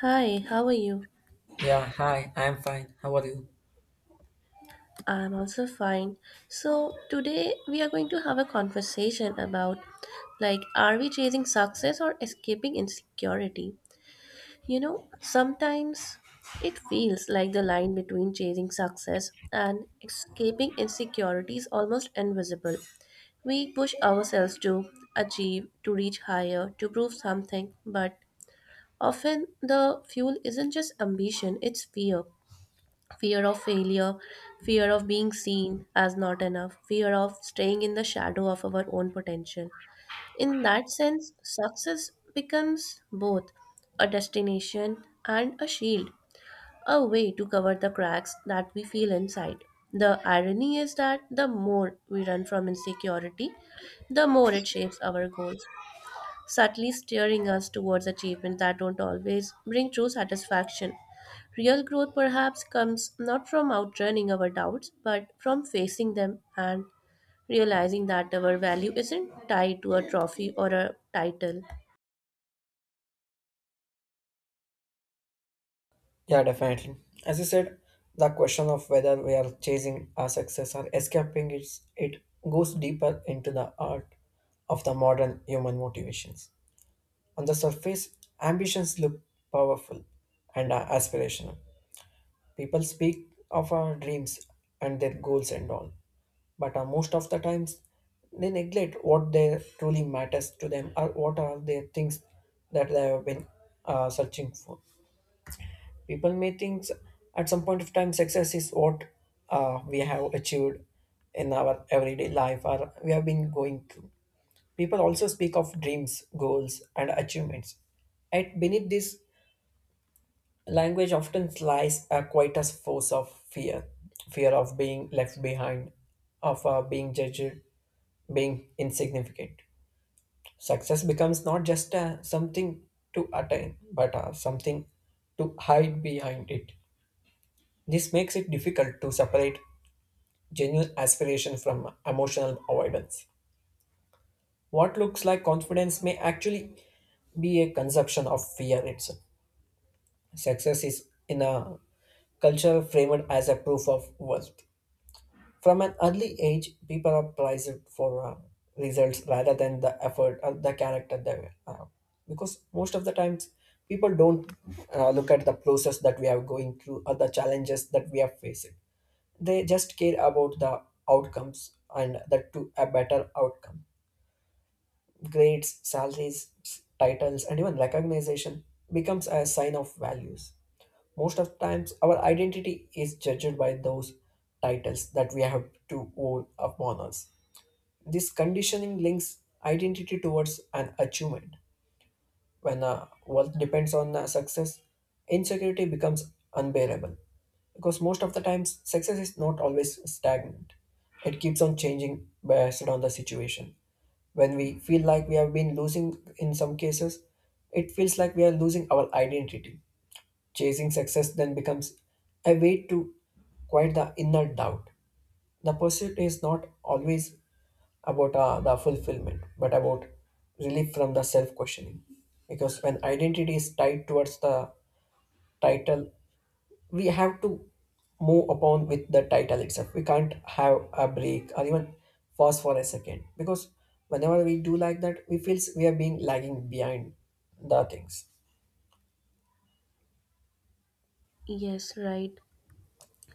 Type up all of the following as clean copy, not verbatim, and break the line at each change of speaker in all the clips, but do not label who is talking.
Hi, how are you?
Yeah, hi, I'm fine. How are you?
I'm also fine. So, today we are going to have a conversation about like, are we chasing success or escaping insecurity? You know, sometimes it feels like the line between chasing success and escaping insecurity is almost invisible. We push ourselves to achieve, to reach higher, to prove something, but often the fuel isn't just ambition, it's fear fear of failure, fear of being seen as not enough, fear of staying in the shadow of our own potential. In that sense, success becomes both a destination and a shield, a way to cover the cracks that we feel inside. The irony is that the more we run from insecurity, the more it shapes our goals subtly steering us towards achievements that don't always bring true satisfaction. Real growth perhaps comes not from outrunning our doubts, but from facing them and realizing that our value isn't tied to a trophy or a title.
Yeah, definitely. As you said, the question of whether we are chasing our success or escaping is it deeper into the art of the modern human motivations. These actions look powerful and are aspirational. People speak of our dreams and their goals and all, but most of the times they neglect what they truly matters to them or what are their things that they have been searching for. People may think at some point of time success is what we have achieved in our everyday life or we have been going through. People also speak of dreams, goals, and achievements. Yet beneath this language often lies a quite a force of fear, fear of being left behind, of being judged, being insignificant. Success becomes not just something to attain, but something to hide behind it. This makes it difficult to separate genuine aspiration from emotional avoidance. What looks like confidence may actually be a conception of fear itself. Success is in a culture framed as a proof of worth. From an early age, people are prized for results rather than the effort or the character they have. Because most of the times, people don't look at the process that we are going through or the challenges that we are facing. They just care about the outcomes and that to a better outcome. Grades, salaries, titles, and even recognition becomes a sign of values. Most of times, our identity is judged by those titles that we have to hold upon us. This conditioning links identity towards an achievement. When wealth depends on success, insecurity becomes unbearable. Because most of the times, success is not always stagnant. It keeps on changing based on the situation. When we feel like we have been losing, in some cases it feels like we are losing our identity. Chasing success then becomes a way to quiet the inner doubt. The pursuit is not always about the fulfillment but about relief from the self questioning, because when identity is tied towards the title, we have to move upon with the title itself. We can't have a break or even pause for a second because whenever we do like that, we feel we are being lagging behind the things.
Yes, right.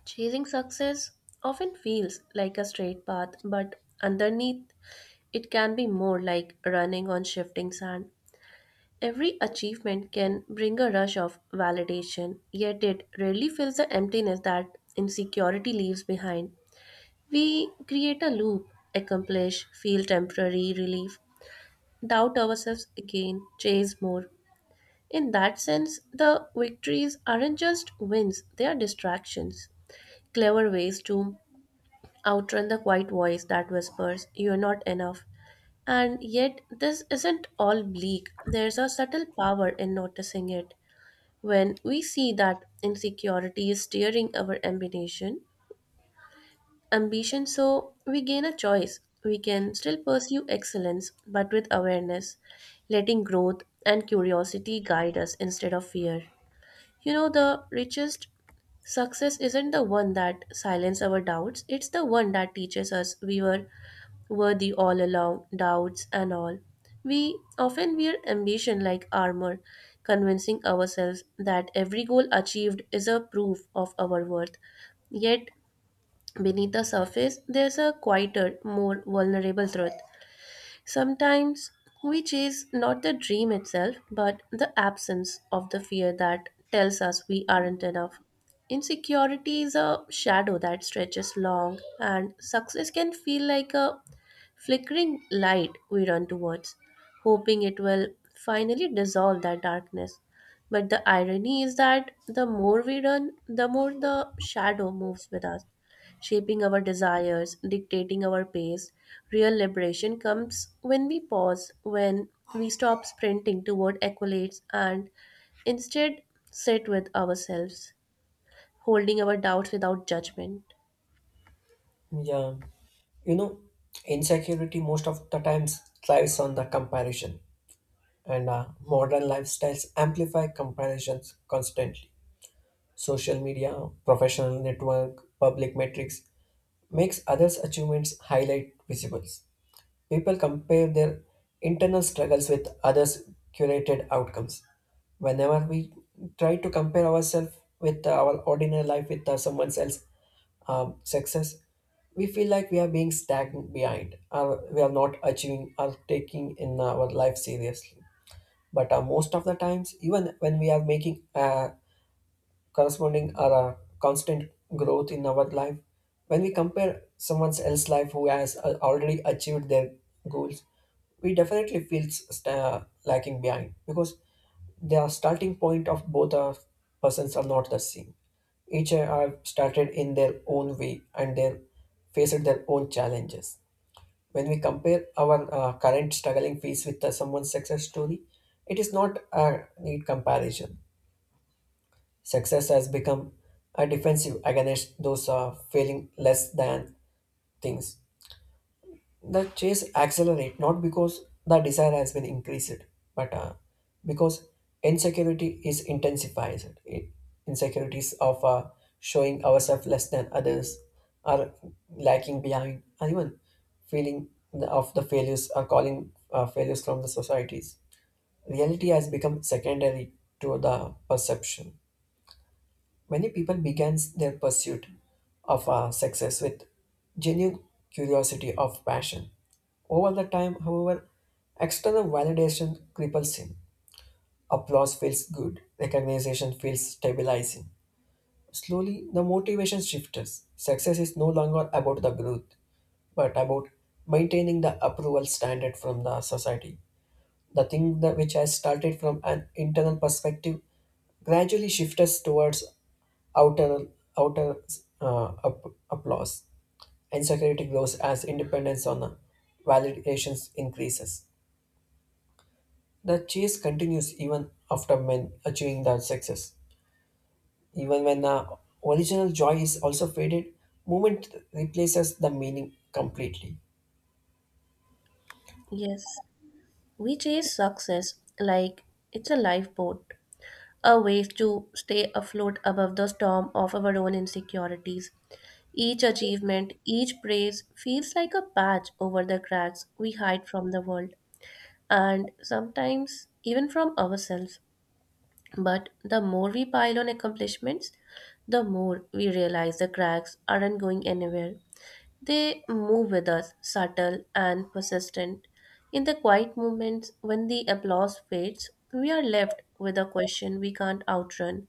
Chasing success often feels like a straight path, but underneath it can be more like running on shifting sand. Every achievement can bring a rush of validation, yet it rarely fills the emptiness that insecurity leaves behind. We create a loop, accomplish, feel temporary relief, doubt ourselves again, chase more. In that sense, the victories aren't just wins, they are distractions, clever ways to outrun the quiet voice that whispers, "You're not enough." And yet, this isn't all bleak. There's a subtle power in noticing it. When we see that insecurity is steering our ambition so we gain a choice. We can still pursue excellence but with awareness, letting growth and curiosity guide us instead of fear. You know the richest success isn't the one that silences our doubts, it's the one that teaches us we were worthy all along, doubts and all. We often wear ambition like armor, convincing ourselves that every goal achieved is a proof of our worth. Yet, beneath the surface, there's a quieter, more vulnerable truth. Sometimes which is not the dream itself, but the absence of the fear that tells us we aren't enough. Insecurity is a shadow that stretches long, and success can feel like a flickering light we run towards, hoping it will finally dissolve that darkness. But the irony is that the more we run, the more the shadow moves with us shaping our desires, dictating our pace. Real liberation comes when we pause, when we stop sprinting toward accolades and instead sit with ourselves, holding our doubts without judgment.
Yeah, you know, insecurity most of the times thrives on the comparison, and modern lifestyles amplify comparisons constantly. Social media, professional network, public metrics makes others' achievements highlight visible. People compare their internal struggles with others' curated outcomes. Whenever we try to compare ourselves with our ordinary life with someone else's success, we feel like we are being stagnant behind, or we are not achieving or taking in our life seriously. But most of the times, even when we are making corresponding are a constant growth in our life. When we compare someone else's life who has already achieved their goals, we definitely feel lacking behind because the starting point of both our persons are not the same. Each have started in their own way and they faced their own challenges. When we compare our current struggling phase with someone's success story, it is not a neat comparison. Success has become a defensive against those feeling less than things. The chase accelerate not because the desire has been increased, but because insecurity is intensified. Insecurities of showing ourselves less than others are lacking behind, and even feeling of the failures or calling failures from the societies. Reality has become secondary to the perception. Many people began their pursuit of success with genuine curiosity of passion. Over the time, however, external validation cripples him. Applause feels good, recognition feels stabilizing. Slowly, the motivation shifts. Success is no longer about the growth, but about maintaining the approval standard from the society. The thing that which I started from an internal perspective gradually shifts towards outer, outer up, applause, and security grows as independence on the validations increases. The chase continues even after men achieving their success. Even when the original joy is also faded, movement replaces the meaning completely.
Yes, we chase success like it's a lifeboat, a way to stay afloat above the storm of our own insecurities. Each achievement, each praise feels like a patch over the cracks we hide from the world, and sometimes even from ourselves. But the more we pile on accomplishments, the more we realize the cracks aren't going anywhere. They move with us, subtle and persistent. In the quiet moments when the applause fades, we are left with a question we can't outrun: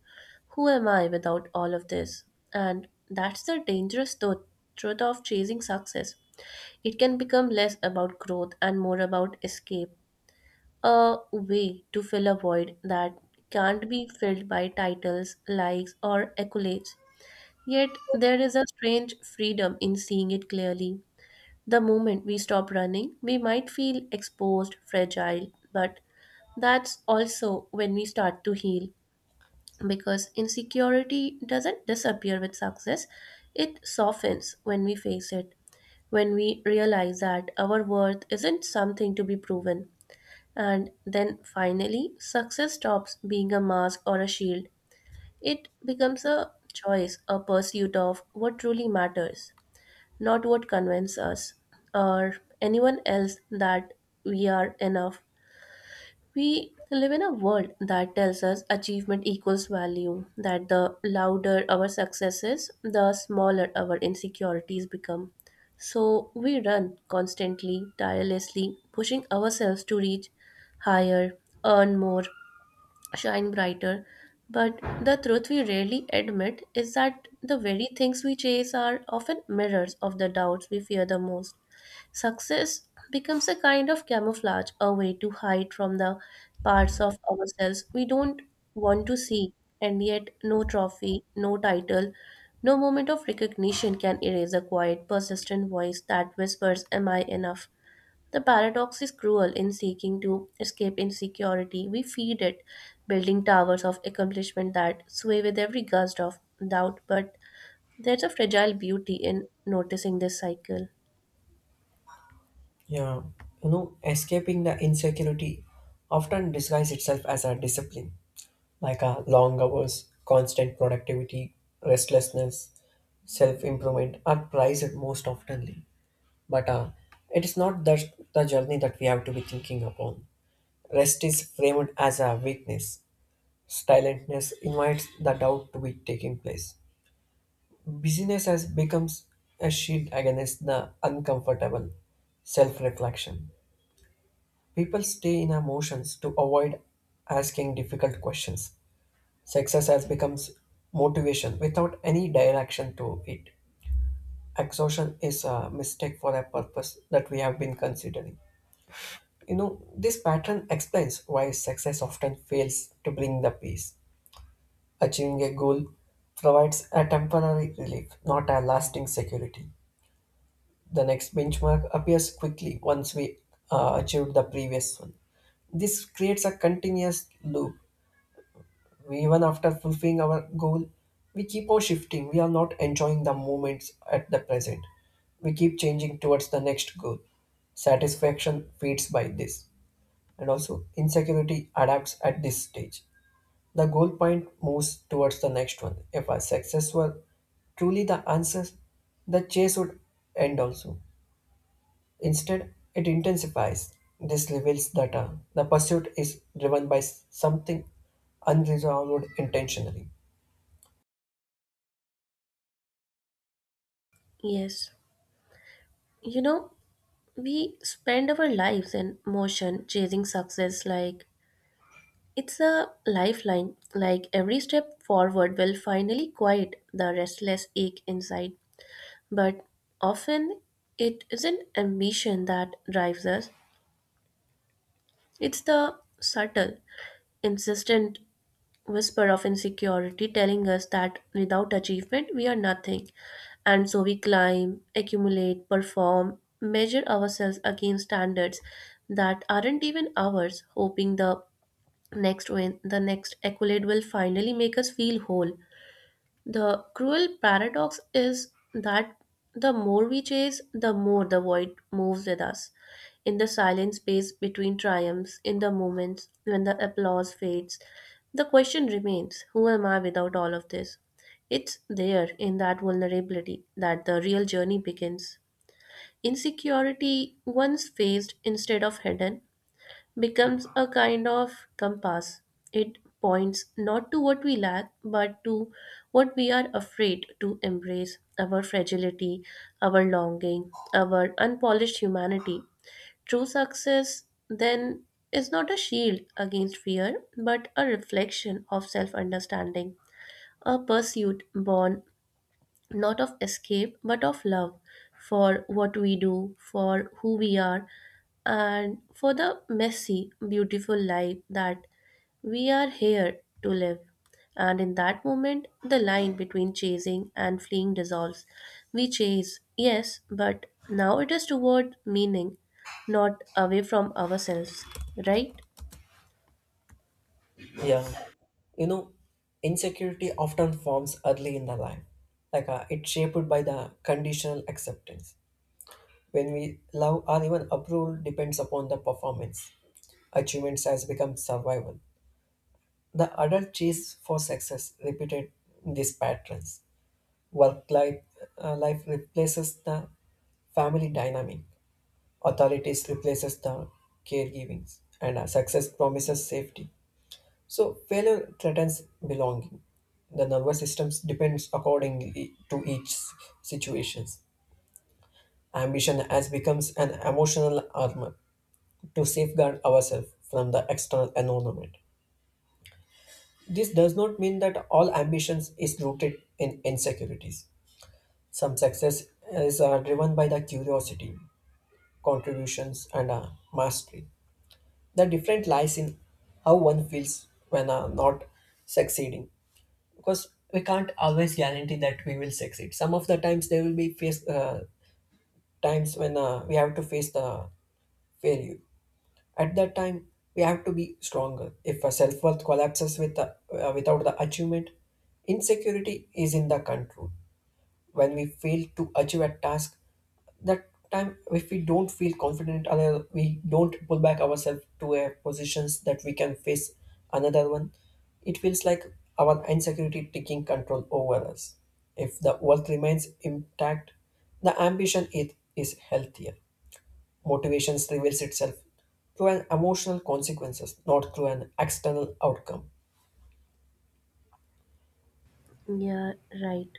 who am I without all of this? And that's the dangerous truth of chasing success. It can become less about growth and more about escape, a way to fill a void that can't be filled by titles, likes, or accolades. Yet there is a strange freedom in seeing it clearly. The moment we stop running, we might feel exposed, fragile, but that's also when we start to heal, because insecurity doesn't disappear with success, it softens when we face it, when we realize that our worth isn't something to be proven, and then finally, success stops being a mask or a shield. It becomes a choice, a pursuit of what truly matters, not what convinces us or anyone else that we are enough. We live in a world that tells us achievement equals value, that the louder our success is, the smaller our insecurities become. So we run constantly, tirelessly, pushing ourselves to reach higher, earn more, shine brighter. But the truth we rarely admit is that the very things we chase are often mirrors of the doubts we fear the most. Success becomes a kind of camouflage, a way to hide from the parts of ourselves we don't want to see, and yet no trophy, no title, no moment of recognition can erase a quiet, persistent voice that whispers, "Am I enough?" The paradox is cruel in seeking to escape insecurity. We feed it, building towers of accomplishment that sway with every gust of doubt. But there's a fragile beauty in noticing this cycle.
Yeah, you know, escaping the insecurity often disguises itself as a discipline. Like long hours, constant productivity, restlessness, self improvement are prized most oftenly. But it is not the journey that we have to be thinking upon. Rest is framed as a weakness. Silentness invites the doubt to be taking place. Busyness has becomes a shield against the uncomfortable self reflection. People stay in emotions to avoid asking difficult questions. Success has becomes motivation without any direction to it. Exhaustion is a mistake for a purpose that we have been considering. You know, this pattern explains why success often fails to bring the peace. Achieving a goal provides a temporary relief, not a lasting security. The next benchmark appears quickly once we achieved the previous one. This creates a continuous loop. Even after fulfilling our goal, we keep on shifting. We are not enjoying the moments at the present. We keep changing towards the next goal. Satisfaction fades by this. And also, insecurity adapts at this stage. The goal point moves towards the next one. If our success were truly the answer, the chase would end also. Instead, it intensifies. This reveals that the pursuit is driven by something unresolved intentionally.
Yes. You know, we spend our lives in motion chasing success like it's a lifeline, like every step forward will finally quiet the restless ache inside. But often it isn't ambition that drives us, it's the subtle, insistent whisper of insecurity telling us that without achievement we are nothing. And so we climb, accumulate, perform, measure ourselves against standards that aren't even ours, hoping the next win, the next accolade will finally make us feel whole. The cruel paradox is that the more we chase, the more the void moves with us. In the silent space between triumphs, in the moments when the applause fades, the question remains: who am I without all of this? It's there in that vulnerability that the real journey begins. Insecurity, once faced instead of hidden, becomes a kind of compass. It points not to what we lack, but to what we are afraid to embrace: our fragility, our longing, our unpolished humanity. True success, then, is not a shield against fear, but a reflection of self understanding, a pursuit born not of escape, but of love for what we do, for who we are, and for the messy, beautiful life that we are here to live. And in that moment, the line between chasing and fleeing dissolves. We chase, yes, but now it is toward meaning, not away from ourselves, right?
Yeah, you know, insecurity often forms early in the life. Like it's shaped by the conditional acceptance. When we love or even approval depends upon the performance. Achievements has become survival. The adult chase for success repeated these patterns. Work life, life replaces the family dynamic. Authorities replaces the caregivings, and success promises safety. So failure threatens belonging. The nervous system depends accordingly to each situations. Ambition has becomes an emotional armor to safeguard ourselves from the external environment. This does not mean that all ambitions is rooted in insecurities. Some success is driven by the curiosity, contributions, and mastery. The difference lies in how one feels when not succeeding, because we can't always guarantee that we will succeed. Some of the times there will be face times when we have to face the failure. At that time, we have to be stronger. If a self worth collapses with without the achievement, insecurity is in the control. When we fail to achieve a task, that time if we don't feel confident, another we don't pull back ourselves to a positions that we can face another one, it feels like our insecurity taking control over us. If the wealth remains intact, the ambition it is healthier. Motivation reveals itself through an emotional consequences, not through an external outcome.
Yeah, right.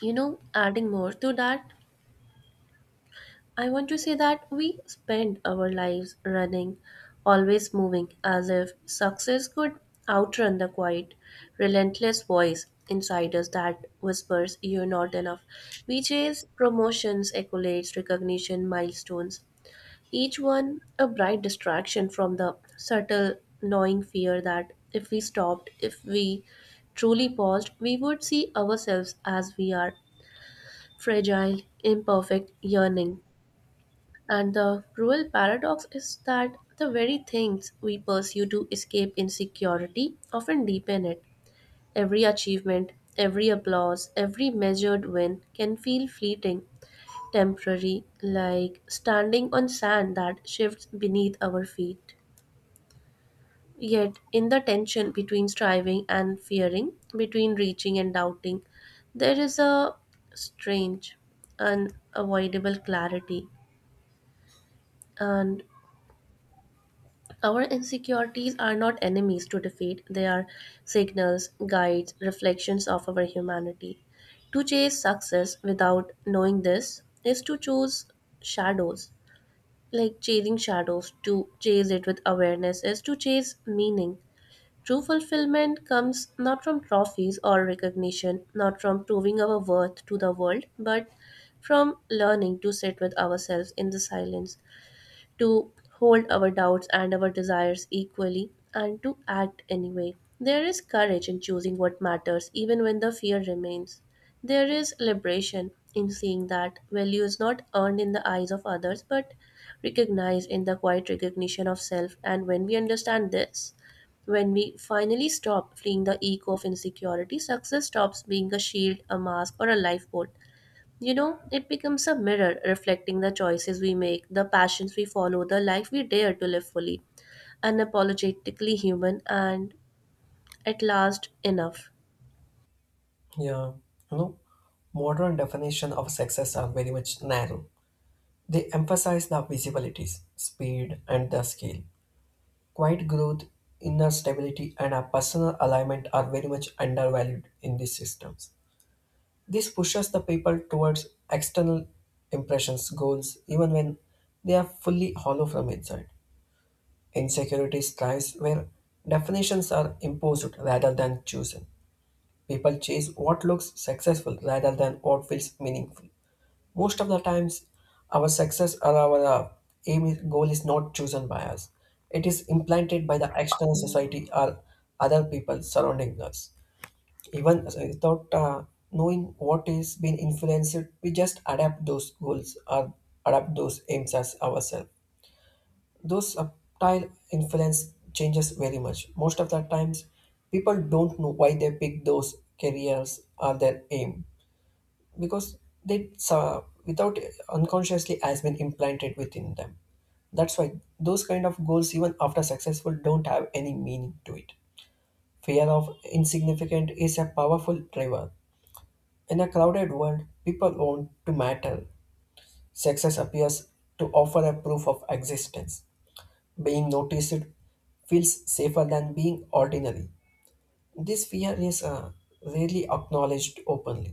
You know, adding more to that, I want to say that we spend our lives running, always moving, as if success could outrun the quiet, relentless voice inside us that whispers, "You're not enough." We chase promotions, accolades, recognition, milestones, each one a bright distraction from the subtle, gnawing fear that if we stopped, if we truly paused, we would see ourselves as we are: fragile, imperfect, yearning. And the cruel paradox is that the very things we pursue to escape insecurity often deepen it. Every achievement, every applause, every measured win can feel fleeting, temporary, like standing on sand that shifts beneath our feet. Yet, in the tension between striving and fearing, between reaching and doubting, there is a strange, unavoidable clarity. And our insecurities are not enemies to defeat, they are signals, guides, reflections of our humanity. To chase success without knowing this is to choose shadows. Like chasing shadows, to chase it with awareness is to chase meaning. True fulfillment comes not from trophies or recognition, not from proving our worth to the world, but from learning to sit with ourselves in the silence, to hold our doubts and our desires equally and to act anyway. There is courage in choosing what matters even when the fear remains. There is liberation in seeing that value is not earned in the eyes of others but recognized in the quiet recognition of self. And when we understand this, when we finally stop fleeing the echo of insecurity, success stops being a shield, a mask, or a lifeboat. You know, it becomes a mirror reflecting the choices we make, the passions we follow, the life we dare to live fully, unapologetically human, and at last enough.
Yeah, you know, modern definition of success are very much narrow. They emphasize the visibilities, speed, and the scale. Quiet growth, inner stability, and a personal alignment are very much undervalued in these systems. This pushes the people towards external impressions, goals, even when they are fully hollow from inside. Insecurity thrives where definitions are imposed rather than chosen. People chase what looks successful rather than what feels meaningful. Most of the times, our success or our goal is not chosen by us. It is implanted by the external society or other people surrounding us. Even without knowing what is being influenced, we just adapt those goals or adapt those aims as ourselves. Those subtle influence changes very much. Most of the times, people don't know why they pick those careers or their aim, because they without unconsciously has been implanted within them. That's why those kind of goals even after successful don't have any meaning to it. Fear of insignificant is a powerful driver. In a crowded world, people want to matter. Success appears to offer a proof of existence. Being noticed feels safer than being ordinary. This fear is rarely acknowledged openly.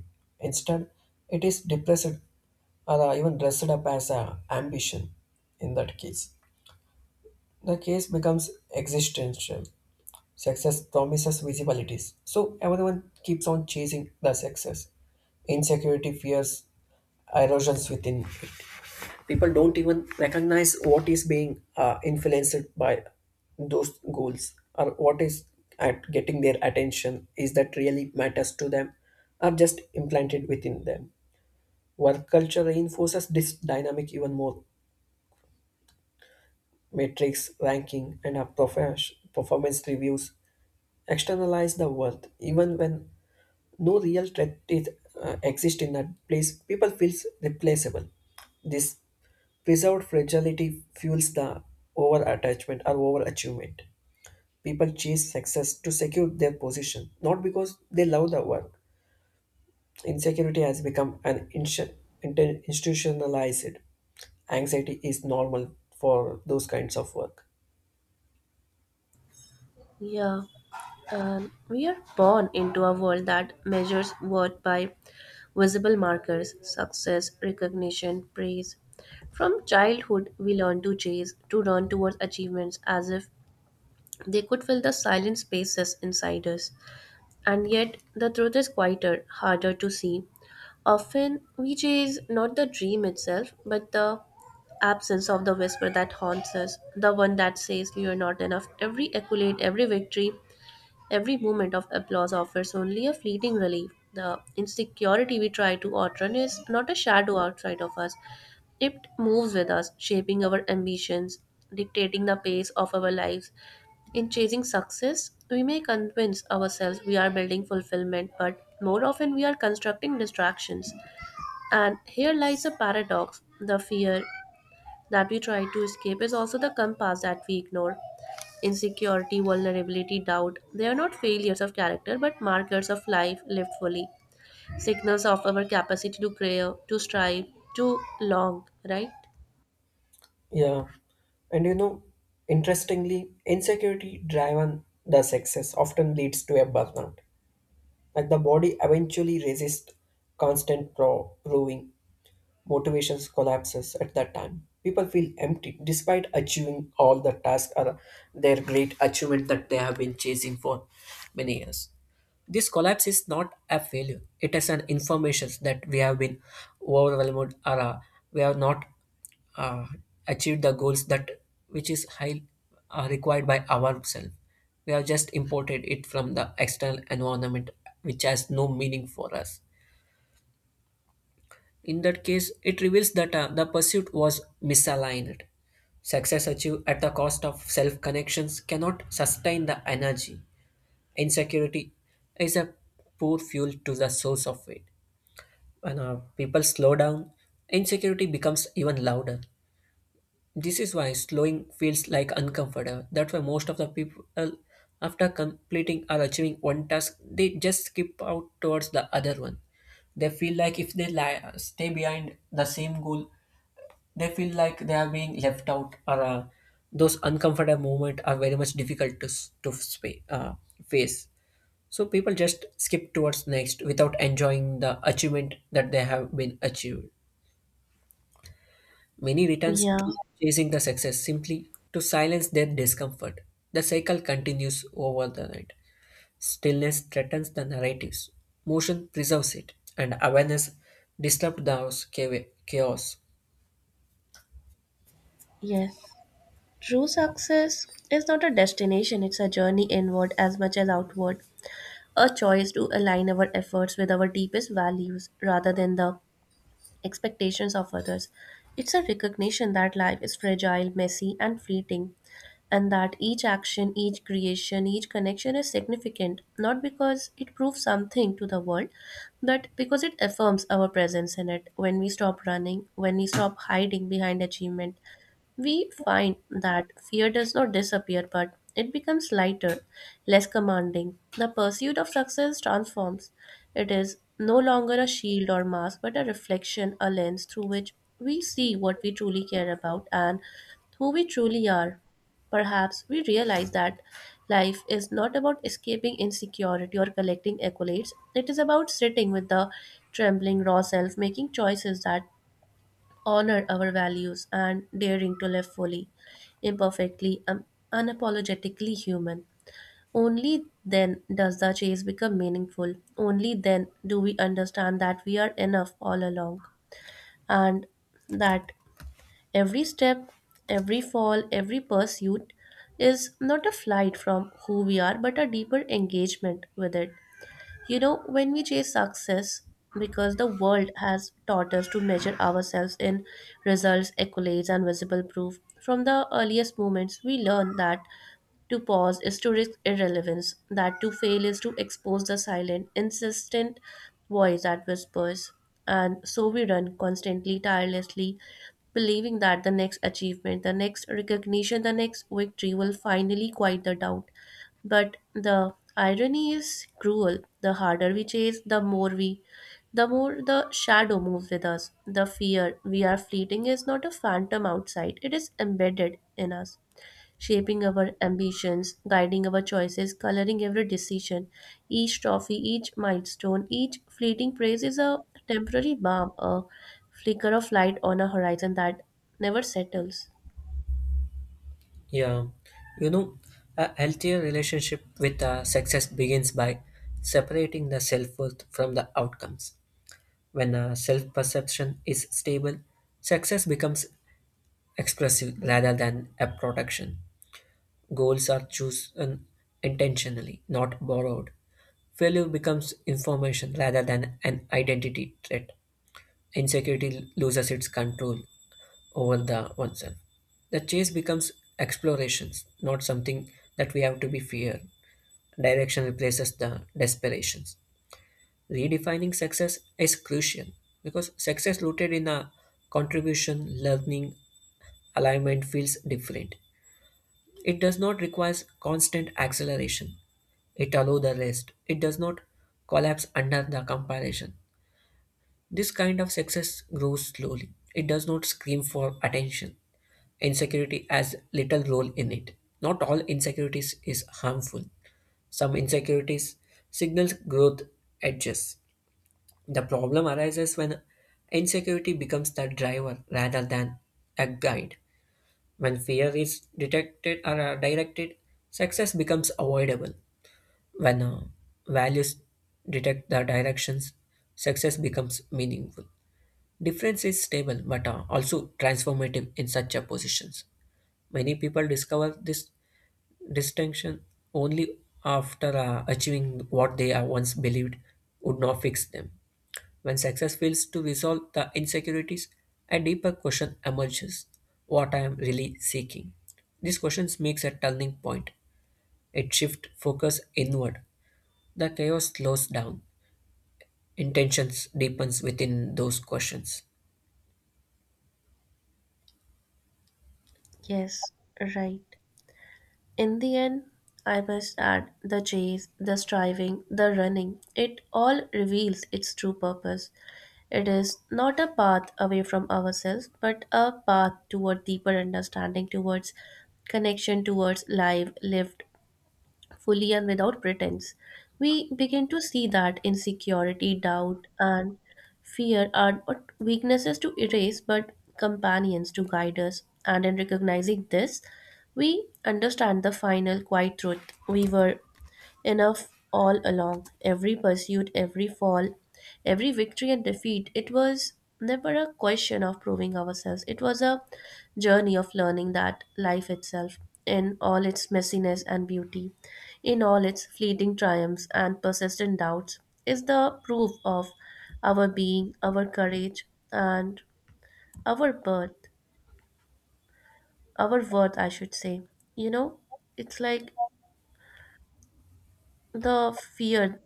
Instead, it is depressed or even dressed up as a ambition. In that case, the case becomes existential. Success promises visibilities, so everyone keeps on chasing the success. Insecurity fears erosions within it. People don't even recognize what is being influenced by those goals or what is at getting their attention, is that really matters to them or just implanted within them. Work culture reinforces this dynamic even more. Metrics, ranking, and our performance reviews externalize the worth. Even when no real threat exists in that place, people feel replaceable. This preserved fragility fuels the over attachment or over achievement. People chase success to secure their position, not because they love the work. Insecurity has become an institutionalized anxiety is normal for those kinds of work.
Yeah, and we are born into a world that measures worth by visible markers: success, recognition, praise. From childhood, we learn to chase, to run towards achievements as if they could fill the silent spaces inside us. And yet, the truth is quieter, harder to see. Often, we chase not the dream itself, but the absence of the whisper that haunts us, the one that says you're not enough. Every accolade, every victory, every moment of applause offers only a fleeting relief. The insecurity we try to outrun is not a shadow outside of us. It moves with us, shaping our ambitions, dictating the pace of our lives. In chasing success, we may convince ourselves we are building fulfillment, but more often we are constructing distractions. And here lies a paradox: the fear that we try to escape is also the compass that we ignore. Insecurity, vulnerability, doubt. They are not failures of character but markers of life lived fully, signals of our capacity to crave, to strive, to long, right?
Yeah, and you know, interestingly, insecurity driven the success often leads to a burnout. Like the body eventually resists constant proving, motivations collapses at that time. People feel empty despite achieving all the tasks or their great achievement that they have been chasing for many years. This collapse is not a failure. It is an information that we have been overwhelmed, or we have not uh, achieved the goals that which is high required by ourselves. We have just imported it from the external environment, which has no meaning for us. In that case, it reveals that the pursuit was misaligned. Success achieved at the cost of self connections cannot sustain the energy. Insecurity is a poor fuel to the source of it. When people slow down, insecurity becomes even louder. This is why slowing feels like uncomfortable. That's why most of the people, after completing or achieving one task, they just skip out towards the other one. They feel like if they stay behind the same goal, they feel like they are being left out, or those uncomfortable moments are very much difficult to face. So people just skip towards next without enjoying the achievement that they have been achieved. Many returns to
Yeah,
chasing the success simply to silence their discomfort. The cycle continues over the night. Stillness threatens the narratives. Motion preserves it, and awareness disrupts the house chaos.
yes. True success is not a destination, it's a journey inward as much as outward. A choice to align our efforts with our deepest values rather than the expectations of others. It's a recognition that life is fragile, messy, and fleeting, and that each action, each creation, each connection is significant, not because it proves something to the world, but because it affirms our presence in it. When we stop running, when we stop hiding behind achievement, we find that fear does not disappear, but it becomes lighter, less commanding. The pursuit of success transforms. It is no longer a shield or mask, but a reflection, a lens through which we see what we truly care about and who we truly are. Perhaps we realize that life is not about escaping insecurity or collecting accolades. It is about sitting with the trembling raw self, making choices that honor our values and daring to live fully, imperfectly, and unapologetically human. Only then does the chase become meaningful. Only then do we understand that we are enough all along, and that every step, every fall, every pursuit is not a flight from who we are but a deeper engagement with it. You know, when we chase success, because the world has taught us to measure ourselves in results, accolades, and visible proof, from the earliest moments, we learn that to pause is to risk irrelevance, that to fail is to expose the silent, insistent voice that whispers. And so we run constantly, tirelessly, believing that the next achievement, the next recognition, the next victory will finally quiet the doubt. But the irony is cruel. The harder we chase, the more the shadow moves with us. The fear we are fleeting is not a phantom outside, it is embedded in us, shaping our ambitions, guiding our choices, coloring every decision. Each trophy, each milestone, each fleeting praise is a temporary balm, a flicker of light on a horizon that never settles.
Yeah, you know, a healthier relationship with success begins by separating the self worth from the outcomes. When self perception is stable, success becomes expressive rather than a production. Goals are chosen intentionally, not borrowed. Failure becomes information rather than an identity threat. Insecurity loses its control over the oneself. The chase becomes explorations, not something that we have to be feared. Direction replaces the desperations. Redefining success is crucial because success rooted in a contribution, learning, alignment feels different. It does not require constant acceleration. It allows the rest. It does not collapse under the comparison. This kind of success grows slowly. It does not scream for attention. Insecurity has little role in it. Not all insecurities is harmful. Some insecurities signals growth edges. The problem arises when insecurity becomes the driver rather than a guide. When fear is detected or directed, success becomes avoidable. When values detect the directions, success becomes meaningful. Difference is stable but also transformative in such a positions. Many people discover this distinction only after achieving what they once believed would not fix them. When success fails to resolve the insecurities, a deeper question emerges: what I am really seeking? These questions makes a turning point. It shifts focus inward. The chaos slows down. Intentions deepens within those questions.
Yes, right. In the end, I must add the chase, the striving, the running, it all reveals its true purpose. It is not a path away from ourselves, but a path toward deeper understanding, towards connection, towards life lived fully and without pretense. We begin to see that insecurity, doubt, and fear are not weaknesses to erase but companions to guide us. And in recognizing this, we understand the final quiet truth: we were enough all along, every pursuit, every fall, every victory and defeat, it was never a question of proving ourselves. It was a journey of learning that life itself, in all its messiness and beauty, in all its fleeting triumphs and persistent doubts, is the proof of our being, our courage, and our birth, our worth, I should say. You know, it's like the fear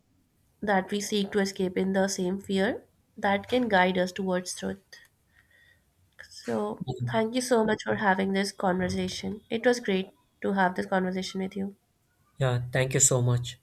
that we seek to escape in the same fear that can guide us towards truth. So, thank you so much for having this conversation. It was great to have this conversation with you.
Yeah, thank you so much.